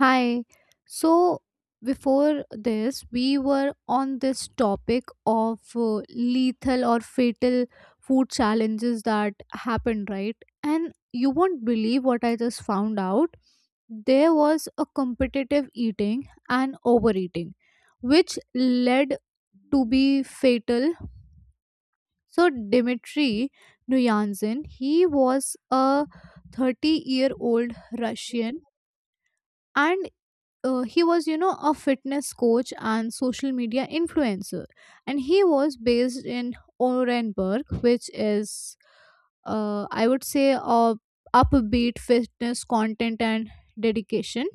Hi. So before this, we were on this topic of lethal or fatal food challenges that happened, right? And you won't believe what I just found out. There was a competitive eating and overeating, which led to be fatal. So Dmitry Nuyanzin, he was a 30-year-old Russian and he was a fitness coach and social media influencer, and he was based in Orenburg, which is I would say a upbeat fitness content and dedication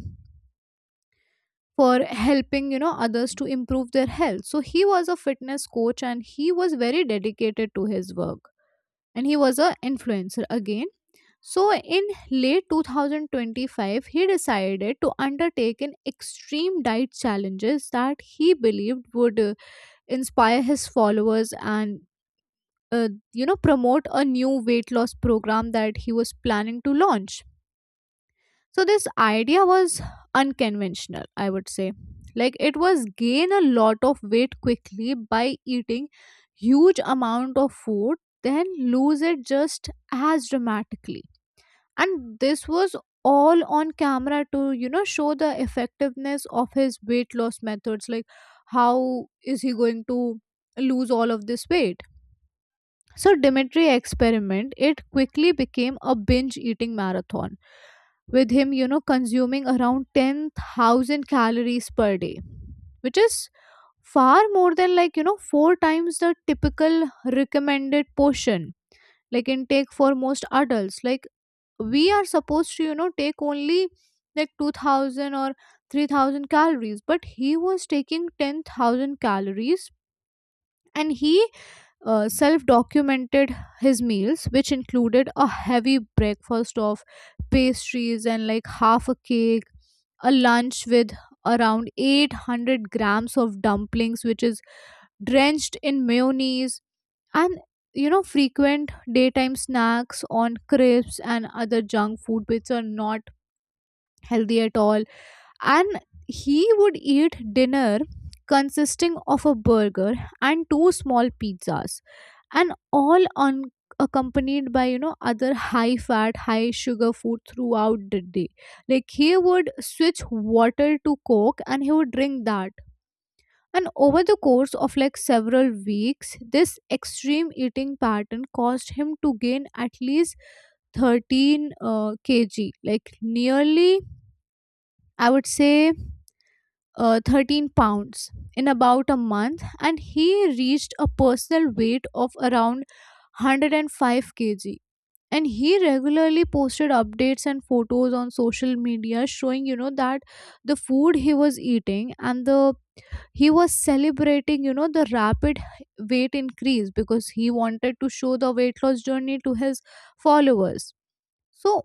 for helping others to improve their health. So he was a fitness coach and he was very dedicated to his work, and he was a influencer again. So, in late 2025, he decided to undertake an extreme diet challenges that he believed would inspire his followers and promote a new weight loss program that he was planning to launch. So, this idea was unconventional, I would say. Like, it was gain a lot of weight quickly by eating huge amount of food, then lose it just as dramatically, and this was all on camera to show the effectiveness of his weight loss methods, like how is he going to lose all of this weight. So Dimitri experiment it quickly became a binge eating marathon, with him consuming around 10,000 calories per day, which is far more than like four times the typical recommended portion, like intake for most adults. Like, we are supposed to take only like 2000 or 3,000 calories, but he was taking 10,000 calories. And he self documented his meals, which included a heavy breakfast of pastries and like half a cake, a lunch with around 800 grams of dumplings which is drenched in mayonnaise, and frequent daytime snacks on crisps and other junk food which are not healthy at all. And he would eat dinner consisting of a burger and two small pizzas, and all on accompanied by other high fat high sugar food throughout the day. Like, he would switch water to coke and he would drink that. And over the course of like several weeks, this extreme eating pattern caused him to gain at least 13 kg, like nearly, I would say, 13 pounds in about a month. And he reached a personal weight of around 105 kg. And he regularly posted updates and photos on social media showing, you know, that the food he was eating and the he was celebrating the rapid weight increase, because he wanted to show the weight loss journey to his followers. So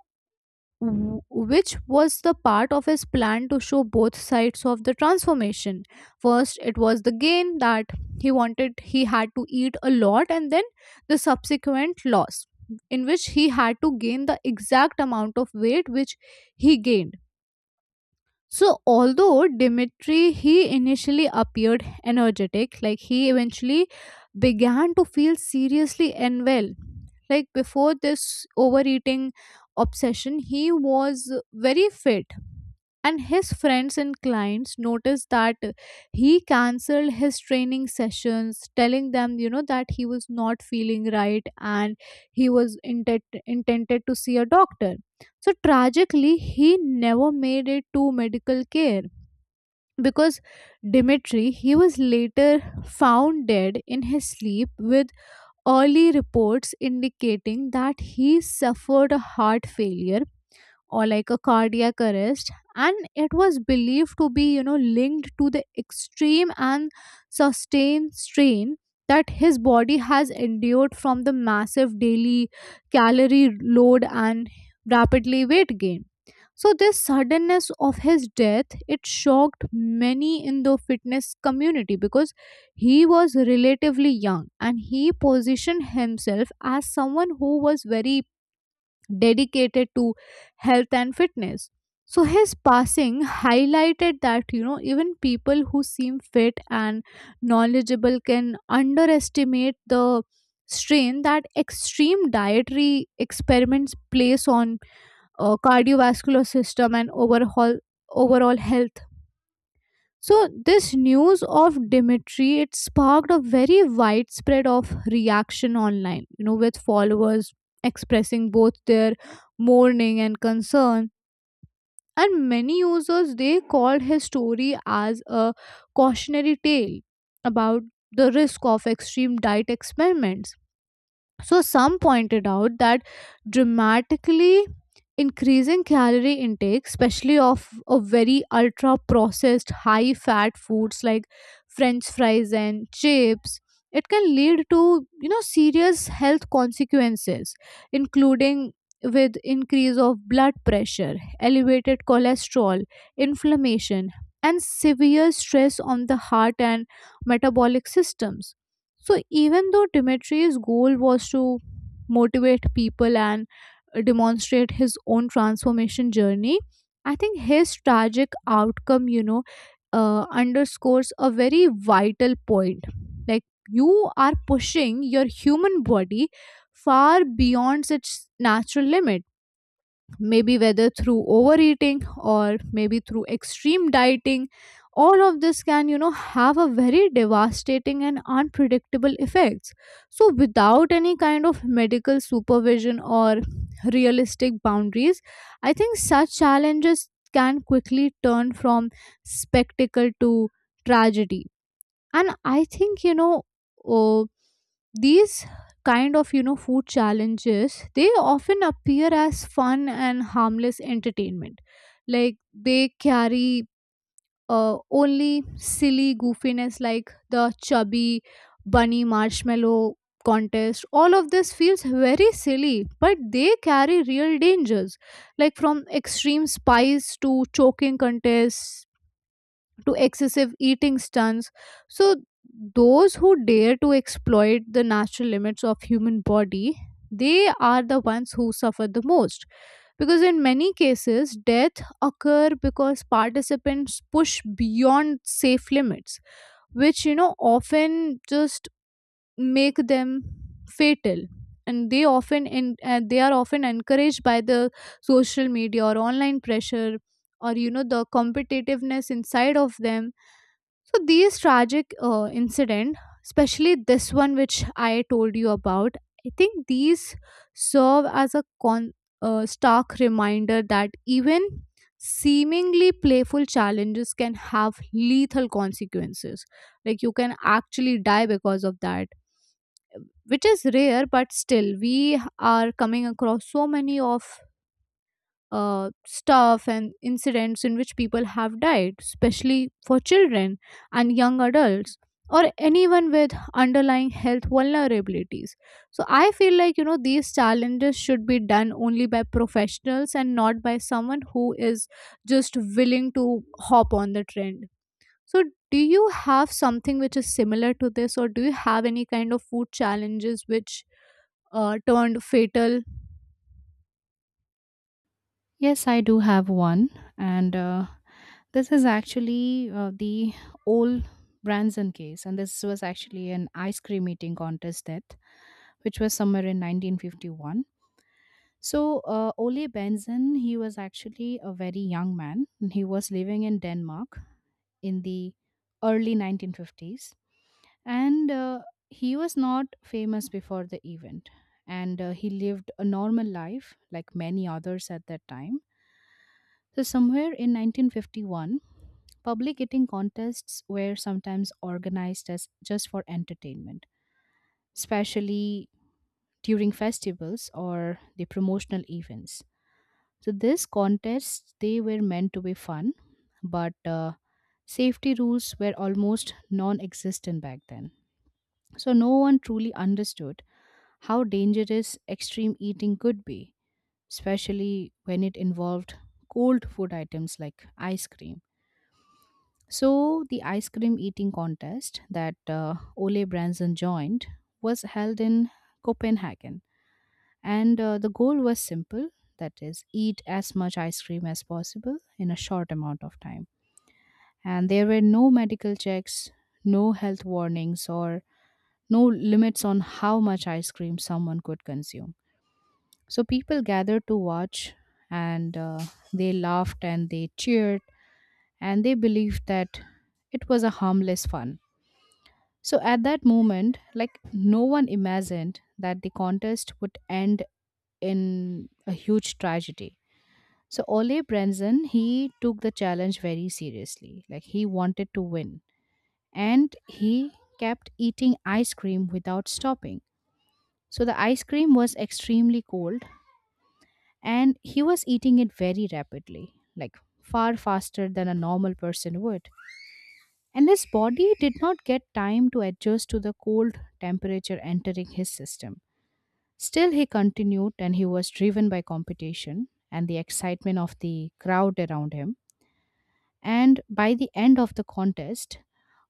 w- which was the part of his plan to show both sides of the transformation. First it was the gain that he wanted, he had to eat a lot, and then the subsequent loss, in which he had to gain the exact amount of weight which he gained. So, although Dimitri he initially appeared energetic, like he eventually began to feel seriously unwell. Like before this overeating obsession, he was very fit, and his friends and clients noticed that he cancelled his training sessions, telling them, you know, that he was not feeling right and he was intended to see a doctor. So tragically, he never made it to medical care because Dimitri he was later found dead in his sleep, with early reports indicating that he suffered a heart failure or like a cardiac arrest. And it was believed to be linked to the extreme and sustained strain that his body has endured from the massive daily calorie load and rapidly weight gain. So this suddenness of his death it shocked many in the fitness community because he was relatively young and he positioned himself as someone who was very dedicated to health and fitness. So his passing highlighted that even people who seem fit and knowledgeable can underestimate the strain that extreme dietary experiments place on cardiovascular system and overhaul overall health. So this news of Dimitri it sparked a very widespread of reaction online, you know, with followers expressing both their mourning and concern. And many users they called his story as a cautionary tale about the risk of extreme diet experiments. So some pointed out that dramatically increasing calorie intake, especially of very ultra processed, high fat foods like french fries and chips, it can lead to serious health consequences, including with increase of blood pressure, elevated cholesterol, inflammation, and severe stress on the heart and metabolic systems. So even though Dimitri's goal was to motivate people and demonstrate his own transformation journey, I think his tragic outcome underscores a very vital point. Like, you are pushing your human body far beyond its natural limit, maybe whether through overeating or maybe through extreme dieting, all of this can have a very devastating and unpredictable effects. So without any kind of medical supervision or realistic boundaries, I think such challenges can quickly turn from spectacle to tragedy. And I think uh, these kind of food challenges they often appear as fun and harmless entertainment. Like, they carry uh, only silly goofiness like the chubby bunny marshmallow contest, all of this feels very silly, but they carry real dangers, like from extreme spice to choking contests to excessive eating stunts. So those who dare to exploit the natural limits of human body, they are the ones who suffer the most. Because in many cases, death occur because participants push beyond safe limits, which often just make them fatal. And they often they are often encouraged by the social media or online pressure or the competitiveness inside of them. So these tragic incident, especially this one which I told you about, I think these serve as a stark reminder that even seemingly playful challenges can have lethal consequences. Like, you can actually die because of that, which is rare, but still we are coming across so many of stuff and incidents in which people have died, especially for children and young adults or anyone with underlying health vulnerabilities. So I feel like these challenges should be done only by professionals and not by someone who is just willing to hop on the trend. So do you have something which is similar to this, or do you have any kind of food challenges which turned fatal? Yes, I do have one, and this is actually the old Branson case, and this was actually an ice cream eating contest death, which was somewhere in 1951. So Ole Benson, he was actually a very young man. And He was living in Denmark in the early 1950s, and he was not famous before the event, and he lived a normal life like many others at that time. So somewhere in 1951, public eating contests were sometimes organized as just for entertainment, especially during festivals or the promotional events. So these contests, they were meant to be fun, but safety rules were almost non-existent back then. So no one truly understood how dangerous extreme eating could be, especially when it involved cold food items like ice cream. So the ice cream eating contest that Ole Branson joined was held in Copenhagen. And the goal was simple, that is, eat as much ice cream as possible in a short amount of time. And there were no medical checks, no health warnings, or no limits on how much ice cream someone could consume. So people gathered to watch, and they laughed and they cheered, and they believed that it was a harmless fun. So at that moment, like, no one imagined that the contest would end in a huge tragedy. So Ole Brenson, he took the challenge very seriously. Like, he wanted to win, and he kept eating ice cream without stopping. So the ice cream was extremely cold, and he was eating it very rapidly, like far faster than a normal person would. And his body did not get time to adjust to the cold temperature entering his system. Still, he continued, and he was driven by competition and the excitement of the crowd around him. And by the end of the contest,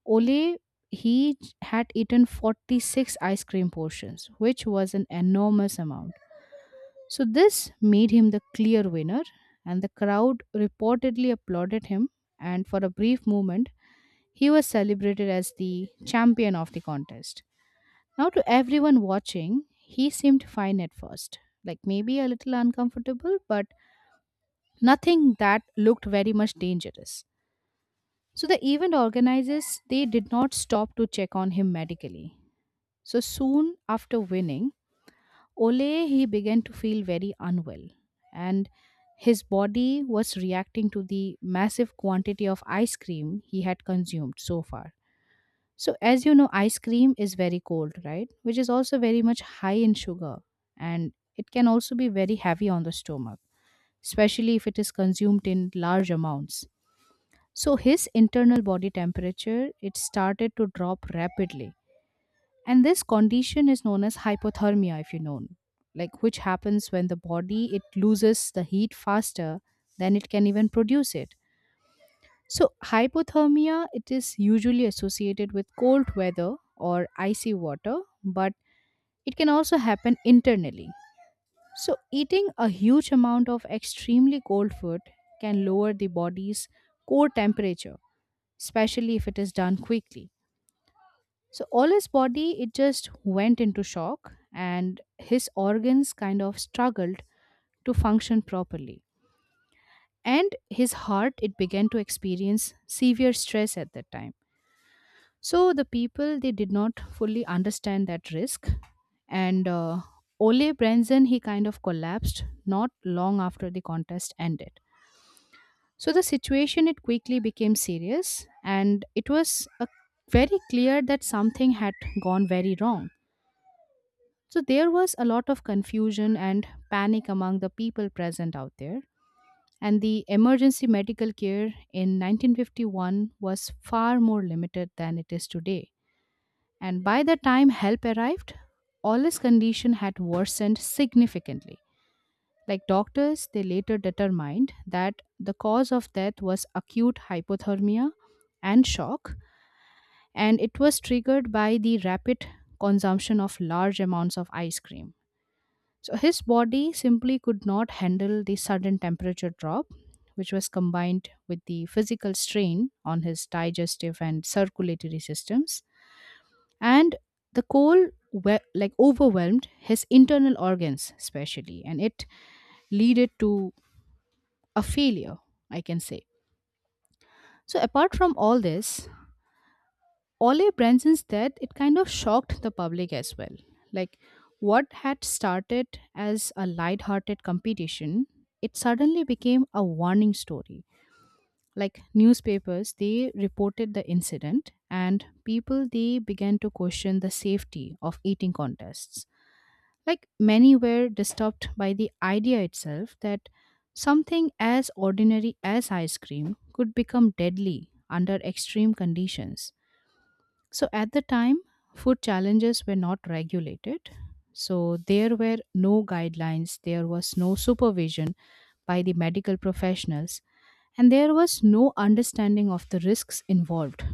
Ole, he had eaten 46 ice cream portions, which was an enormous amount. So this made him the clear winner, and the crowd reportedly applauded him. And for a brief moment, he was celebrated as the champion of the contest. Now, to everyone watching, he seemed fine at first, like maybe a little uncomfortable, but nothing that looked very much dangerous. So the event organizers, they did not stop to check on him medically. So soon after winning, Ole, he began to feel very unwell, and his body was reacting to the massive quantity of ice cream he had consumed so far. So as you know, ice cream is very cold, right? Which is also very much high in sugar, and it can also be very heavy on the stomach, especially if it is consumed in large amounts. So his internal body temperature, it started to drop rapidly, and this condition is known as hypothermia, if you know, like, which happens when the body, it loses the heat faster than it can even produce it. So hypothermia, it is usually associated with cold weather or icy water, but it can also happen internally. So eating a huge amount of extremely cold food can lower the body's core temperature, especially if it is done quickly. So all his body, it just went into shock, and his organs kind of struggled to function properly. And his heart, it began to experience severe stress at that time. So the people, they did not fully understand that risk. And Ole Brenzen, he kind of collapsed not long after the contest ended. So the situation, it quickly became serious, and it was a very clear that something had gone very wrong. So there was a lot of confusion and panic among the people present out there. And the emergency medical care in 1951 was far more limited than it is today. And by the time help arrived, Ola's condition had worsened significantly. Like, doctors, they later determined that the cause of death was acute hypothermia and shock, and it was triggered by the rapid consumption of large amounts of ice cream. So his body simply could not handle the sudden temperature drop, which was combined with the physical strain on his digestive and circulatory systems. And the like overwhelmed his internal organs, especially, and it leaded to a failure, I can say. So apart from all this, Ole Branson's death, it kind of shocked the public as well. Like, what had started as a light-hearted competition, it suddenly became a warning story. Like, newspapers, they reported the incident, and people, they began to question the safety of eating contests. Like, many were disturbed by the idea itself that something as ordinary as ice cream could become deadly under extreme conditions. So at the time, food challenges were not regulated. So there were no guidelines, there was no supervision by the medical professionals, and there was no understanding of the risks involved.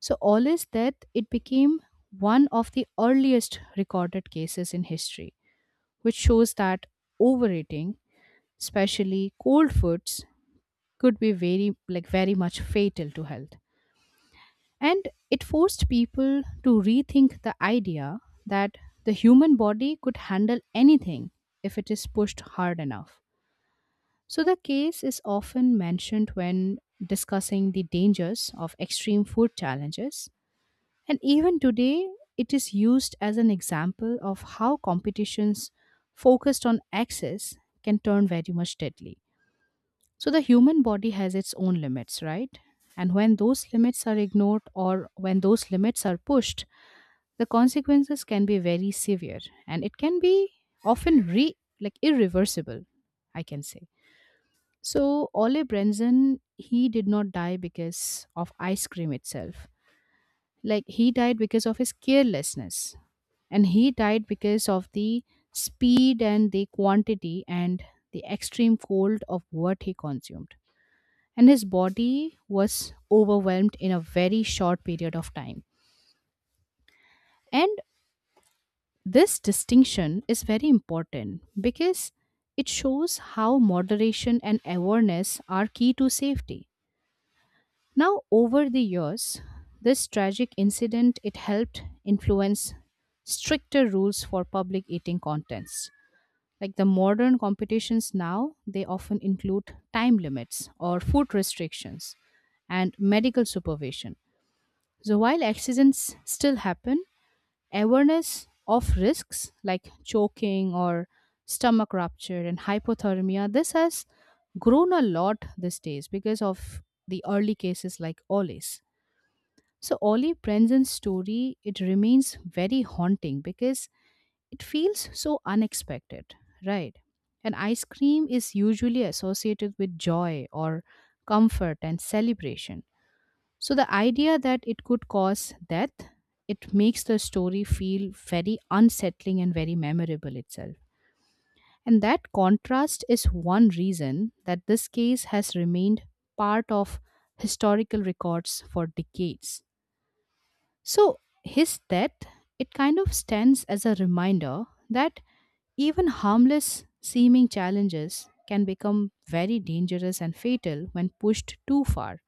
So, all is that it became one of the earliest recorded cases in history, which shows that overeating, especially cold foods, could be very like very much fatal to health. And it forced people to rethink the idea that the human body could handle anything if it is pushed hard enough. So the case is often mentioned when discussing the dangers of extreme food challenges. And even today, it is used as an example of how competitions focused on access can turn very much deadly. So the human body has its own limits, right? And when those limits are ignored, or when those limits are pushed, the consequences can be very severe, and it can be often re like irreversible, I can say. So Ole Brenson, he did not die because of ice cream itself. Like, he died because of his carelessness, and he died because of the speed and the quantity and the extreme cold of what he consumed. And his body was overwhelmed in a very short period of time. And this distinction is very important because it shows how moderation and awareness are key to safety. Now, over the years, this tragic incident, it helped influence stricter rules for public eating contests. Like, the modern competitions now, they often include time limits or food restrictions and medical supervision. So while accidents still happen, awareness of risks like choking or stomach rupture and hypothermia, this has grown a lot these days because of the early cases like Ollie's. So Ollie Prenzen's story, it remains very haunting because it feels so unexpected, right? And ice cream is usually associated with joy or comfort and celebration. So the idea that it could cause death, it makes the story feel very unsettling and very memorable itself. And that contrast is one reason that this case has remained part of historical records for decades. So his death, it kind of stands as a reminder that even harmless seeming challenges can become very dangerous and fatal when pushed too far.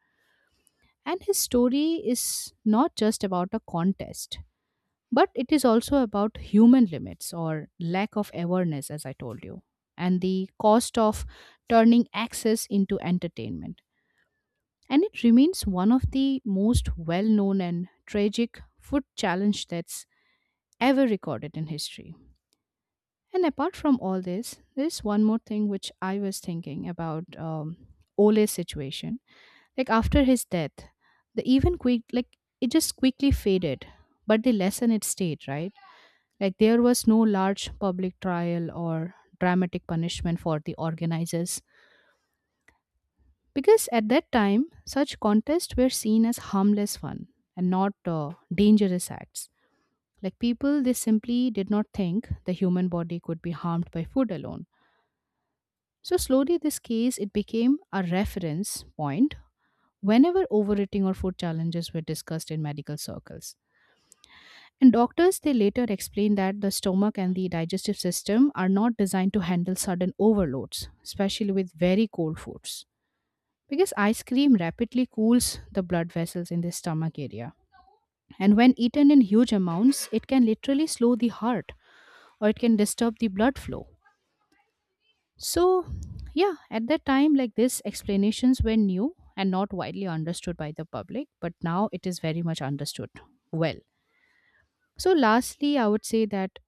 And his story is not just about a contest, but it is also about human limits or lack of awareness, as I told you, and the cost of turning access into entertainment. And it remains one of the most well known and tragic food challenge that's ever recorded in history. And apart from all this, there's one more thing which I was thinking about. Ole's situation, like, after his death, the even quick, like, it just quickly faded, but the lesson, it stayed, right? Like, there was no large public trial or dramatic punishment for the organizers, because at that time such contests were seen as harmless fun and not dangerous acts. Like, people, they simply did not think the human body could be harmed by food alone. So slowly this case, it became a reference point whenever overeating or food challenges were discussed in medical circles. And doctors, they later explained that the stomach and the digestive system are not designed to handle sudden overloads, especially with very cold foods. Because ice cream rapidly cools the blood vessels in the stomach area. And when eaten in huge amounts, it can literally slow the heart, or it can disturb the blood flow. So, yeah, at that time, like, these explanations were new and not widely understood by the public, but now it is very much understood well. So, lastly, I would say that,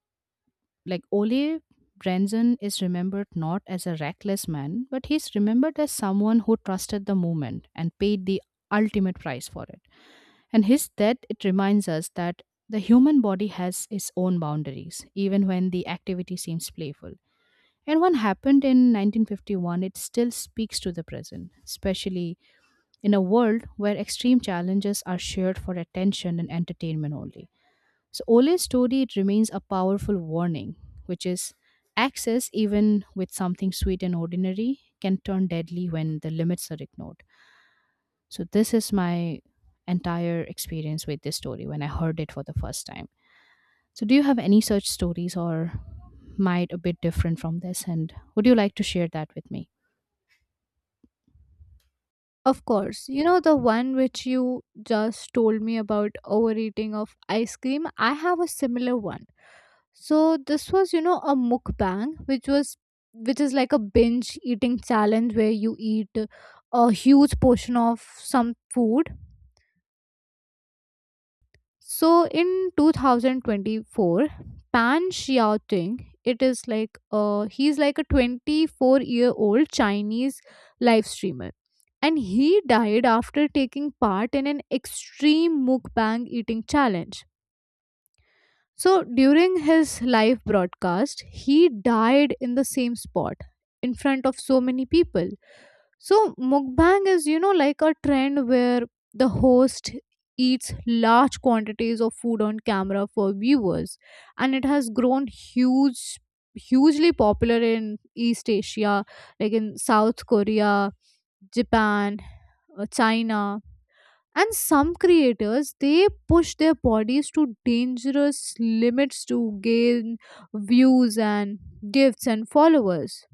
like, Ole Brenson is remembered not as a reckless man, but he's remembered as someone who trusted the movement and paid the ultimate price for it. And his death, it reminds us that the human body has its own boundaries, even when the activity seems playful. And what happened in 1951, it still speaks to the present, especially in a world where extreme challenges are shared for attention and entertainment only. So Ole's story, it remains a powerful warning, which is, excess even with something sweet and ordinary can turn deadly when the limits are ignored. So this is my entire experience with this story when I heard it for the first time. So do you have any such stories or might a bit different from this, and would you like to share that with me? Of course, you know the one which you just told me about overeating of ice cream. I have a similar one. So this was, you know, a mukbang, which is like a binge eating challenge where you eat a huge portion of some food. So in 2024, Pan Xiaoting, it is like he's like a 24-year-old Chinese live streamer. And he died after taking part in an extreme mukbang eating challenge. So during his live broadcast, he died in the same spot in front of so many people. So mukbang is, you know, like a trend where the host eats large quantities of food on camera for viewers, and it has grown hugely popular in East Asia, like in South Korea, Japan, China. And some creators they push their bodies to dangerous limits to gain views and gifts and followers.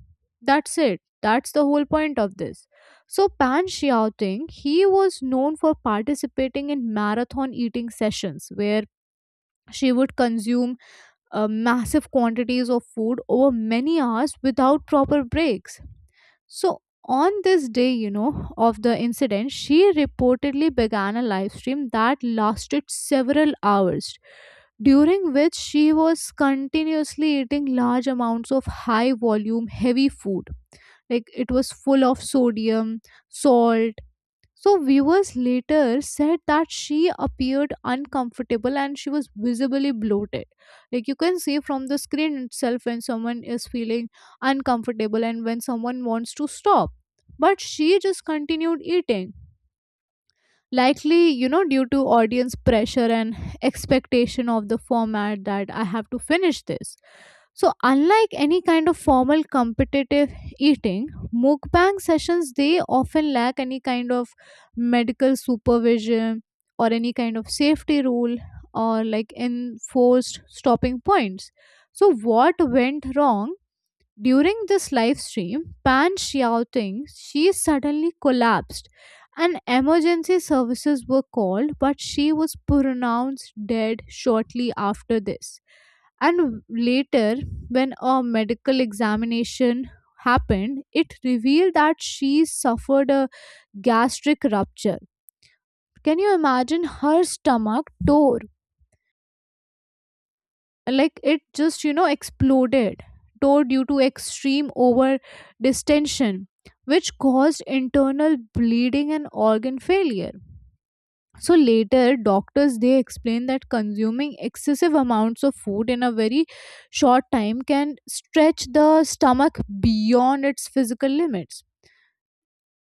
That's it, that's the whole point of this. So Pan Xiaoting he was known for participating in marathon eating sessions where she would consume massive quantities of food over many hours without proper breaks. So, on this day, you know, of the incident, she reportedly began a live stream that lasted several hours, during which she was continuously eating large amounts of high volume, heavy food. Like, it was full of sodium, salt. So, viewers later said that she appeared uncomfortable and she was visibly bloated. Like, you can see from the screen itself when someone is feeling uncomfortable and when someone wants to stop. But she just continued eating, likely due to audience pressure and expectation of the format, that I have to finish this. So unlike any kind of formal competitive eating, mukbang sessions they often lack any kind of medical supervision or any kind of safety rule or like enforced stopping points. So what went wrong? During this live stream, Pan Shouting, she suddenly collapsed and emergency services were called, but she was pronounced dead shortly after this. And later, when a medical examination happened, it revealed that she suffered a gastric rupture. Can you imagine, her stomach tore? Like, it just exploded, tore due to extreme over distension, which caused internal bleeding and organ failure. So later doctors they explained that consuming excessive amounts of food in a very short time can stretch the stomach beyond its physical limits,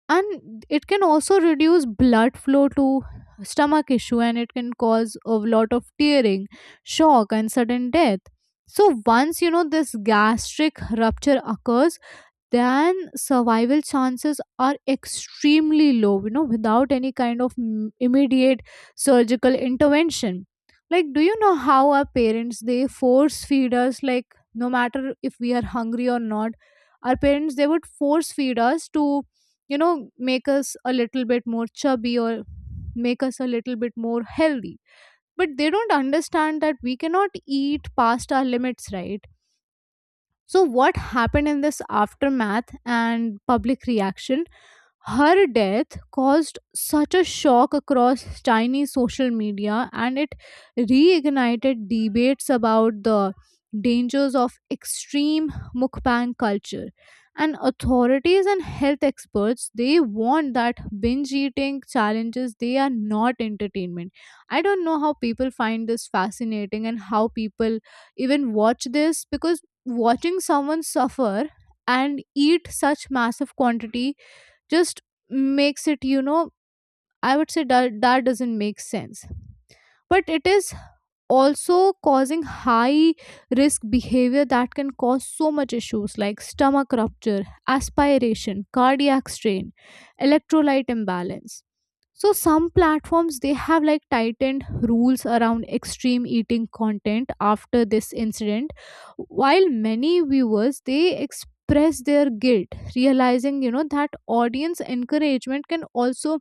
and it can also reduce blood flow to stomach issue, and it can cause a lot of tearing, shock and sudden death. So once this gastric rupture occurs, then survival chances are extremely low without any kind of immediate surgical intervention. Like, do you know how our parents they force feed us? Like, no matter if we are hungry or not, our parents they would force feed us to make us a little bit more chubby or make us a little bit more healthy. But they don't understand that we cannot eat past our limits, right? So, what happened in this aftermath and public reaction? Her death caused such a shock across Chinese social media, and it reignited debates about the dangers of extreme mukbang culture. And authorities and health experts they warned that binge eating challenges they are not entertainment. I don't know how people find this fascinating and how people even watch this, because watching someone suffer and eat such massive quantity just makes it, you know, I would say that, doesn't make sense. But it is also causing high risk behavior that can cause so much issues like stomach rupture, aspiration, cardiac strain, electrolyte imbalance. So some platforms they have like tightened rules around extreme eating content after this incident, while many viewers they express their guilt, realizing that audience encouragement can also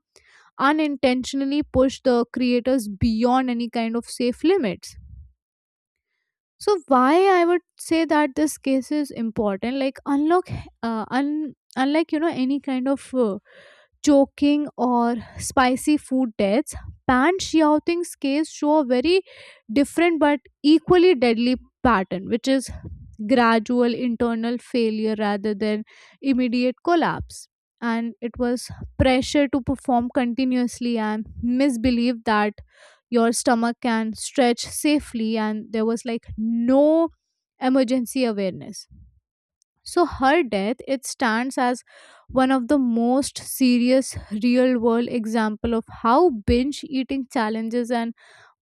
unintentionally push the creators beyond any kind of safe limits. So why I would say that this case is important, like unlike any kind of choking or spicy food deaths, Pan Xiaoting's case show a very different but equally deadly pattern, which is gradual internal failure rather than immediate collapse. And it was pressure to perform continuously and misbelief that your stomach can stretch safely, and there was like no emergency awareness. So her death it stands as one of the most serious real world example of how binge eating challenges and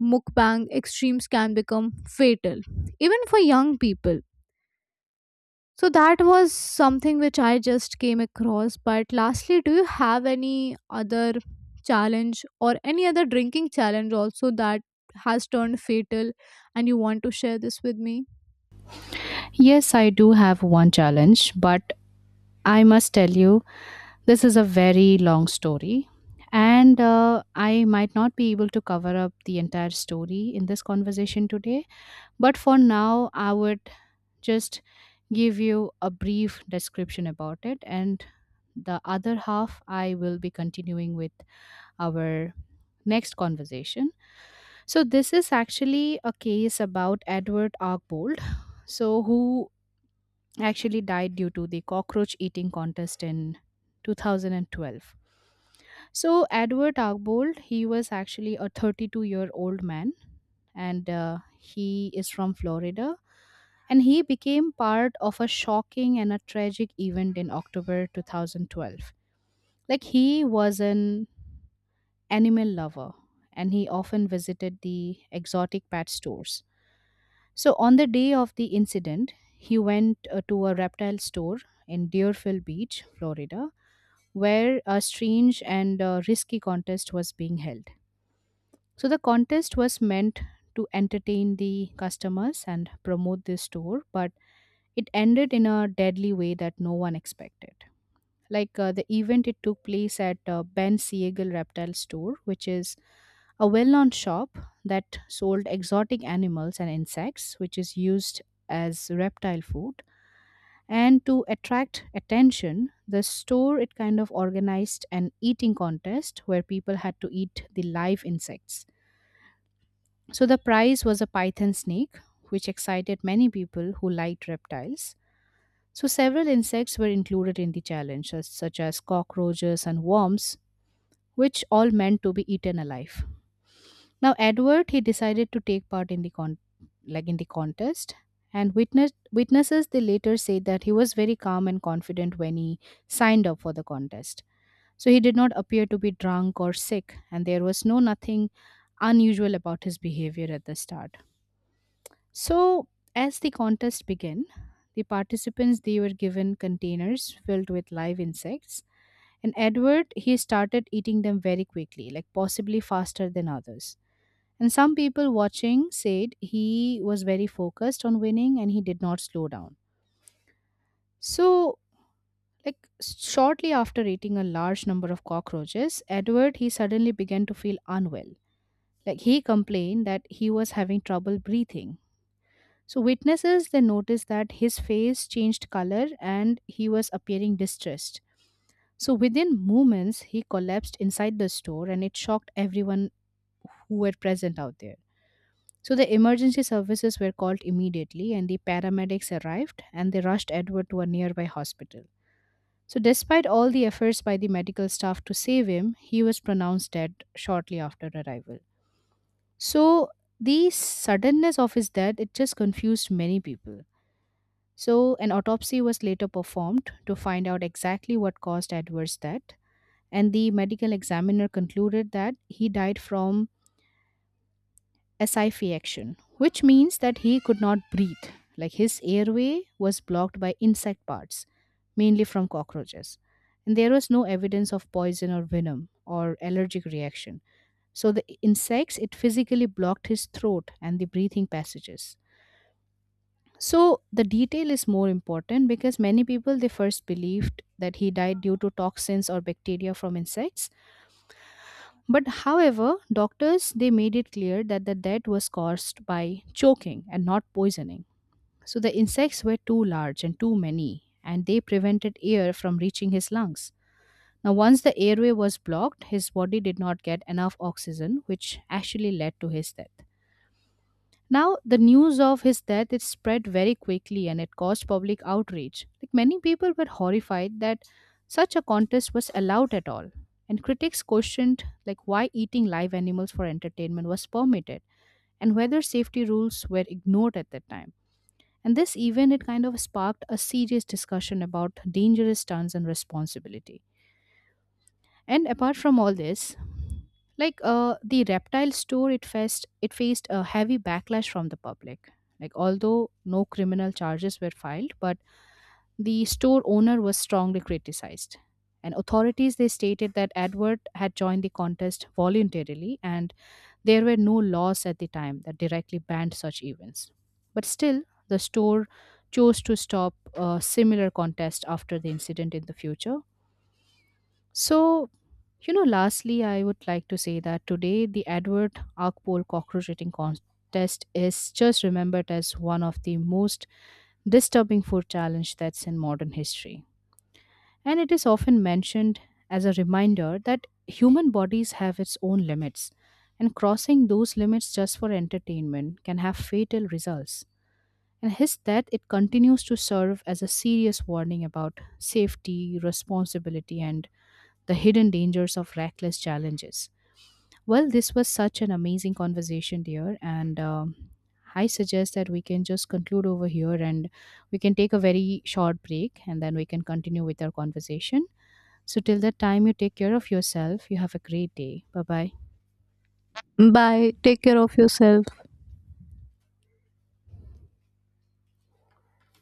mukbang extremes can become fatal, even for young people. So that was something which I just came across, but lastly, do you have any other challenge or any other drinking challenge also that has turned fatal and you want to share this with me? Yes, I do have one challenge, but I must tell you, this is a very long story, and I might not be able to cover up the entire story in this conversation today. But for now, I would just give you a brief description about it, and the other half I will be continuing with our next conversation. So this is actually a case about Edward Archbold, so who actually died due to the cockroach eating contest in 2012. So Edward Archbold, he was actually a 32-year-old man, and he is from Florida. And he became part of a shocking and a tragic event in October 2012. Like he was an animal lover, and he often visited the exotic pet stores. So on the day of the incident, he went to a reptile store in Deerfield Beach, Florida, where a strange and risky contest was being held. So the contest was meant to entertain the customers and promote the store, but it ended in a deadly way that no one expected. The event, it took place at Ben Siegel Reptile Store, which is a well known shop that sold exotic animals and insects, which is used as reptile food. And to attract attention, the store it kind of organized an eating contest where people had to eat the live insects. So the prize was a python snake, which excited many people who liked reptiles. So several insects were included in the challenge, such as cockroaches and worms, which all meant to be eaten alive. Now Edward, he decided to take part in the like in the contest, and witnesses they later said that he was very calm and confident when he signed up for the contest. So he did not appear to be drunk or sick, and there was no nothing unusual about his behavior at the start. So as the contest began, the participants they were given containers filled with live insects, and Edward, he started eating them very quickly, like possibly faster than others. And some people watching said he was very focused on winning and he did not slow down. So, like shortly after eating a large number of cockroaches, Edward, he suddenly began to feel unwell. Like he complained that he was having trouble breathing. So witnesses then noticed that his face changed color and he was appearing distressed. So within moments, he collapsed inside the store and it shocked everyone who were present out there. So the emergency services were called immediately, and the paramedics arrived and they rushed Edward to a nearby hospital. So despite all the efforts by the medical staff to save him, he was pronounced dead shortly after arrival. So the suddenness of his death, it just confused many people. So an autopsy was later performed to find out exactly what caused Edwards' death, and the medical examiner concluded that he died from asphyxiation, which means that he could not breathe. Like his airway was blocked by insect parts, mainly from cockroaches. And there was no evidence of poison or venom or allergic reaction. So the insects, it physically blocked his throat and the breathing passages. So the detail is more important because many people they first believed that he died due to toxins or bacteria from insects. But however, doctors they made it clear that the death was caused by choking and not poisoning. So the insects were too large and too many, and they prevented air from reaching his lungs. Now once the airway was blocked, his body did not get enough oxygen, which actually led to his death. Now, the news of his death, it spread very quickly and it caused public outrage. Like many people were horrified that such a contest was allowed at all. And critics questioned like why eating live animals for entertainment was permitted, and whether safety rules were ignored at that time. And this event, it kind of sparked a serious discussion about dangerous stunts and responsibility. And apart from all this, the reptile store, it faced a heavy backlash from the public. Like although no criminal charges were filed, but the store owner was strongly criticized. And authorities they stated that Edward had joined the contest voluntarily, and there were no laws at the time that directly banned such events. But still, the store chose to stop a similar contest after the incident in the future. So you know, lastly, I would like to say that today the Edward Arkpole cockroach eating contest is just remembered as one of the most disturbing food challenge that's in modern history. And it is often mentioned as a reminder that human bodies have its own limits, and crossing those limits just for entertainment can have fatal results. And his death, it continues to serve as a serious warning about safety, responsibility and the hidden dangers of reckless challenges. Well, this was such an amazing conversation, dear, and I suggest that we can just conclude over here, and we can take a very short break and then we can continue with our conversation. So till that time, you take care of yourself. You have a great day. Bye bye. Bye, take care of yourself.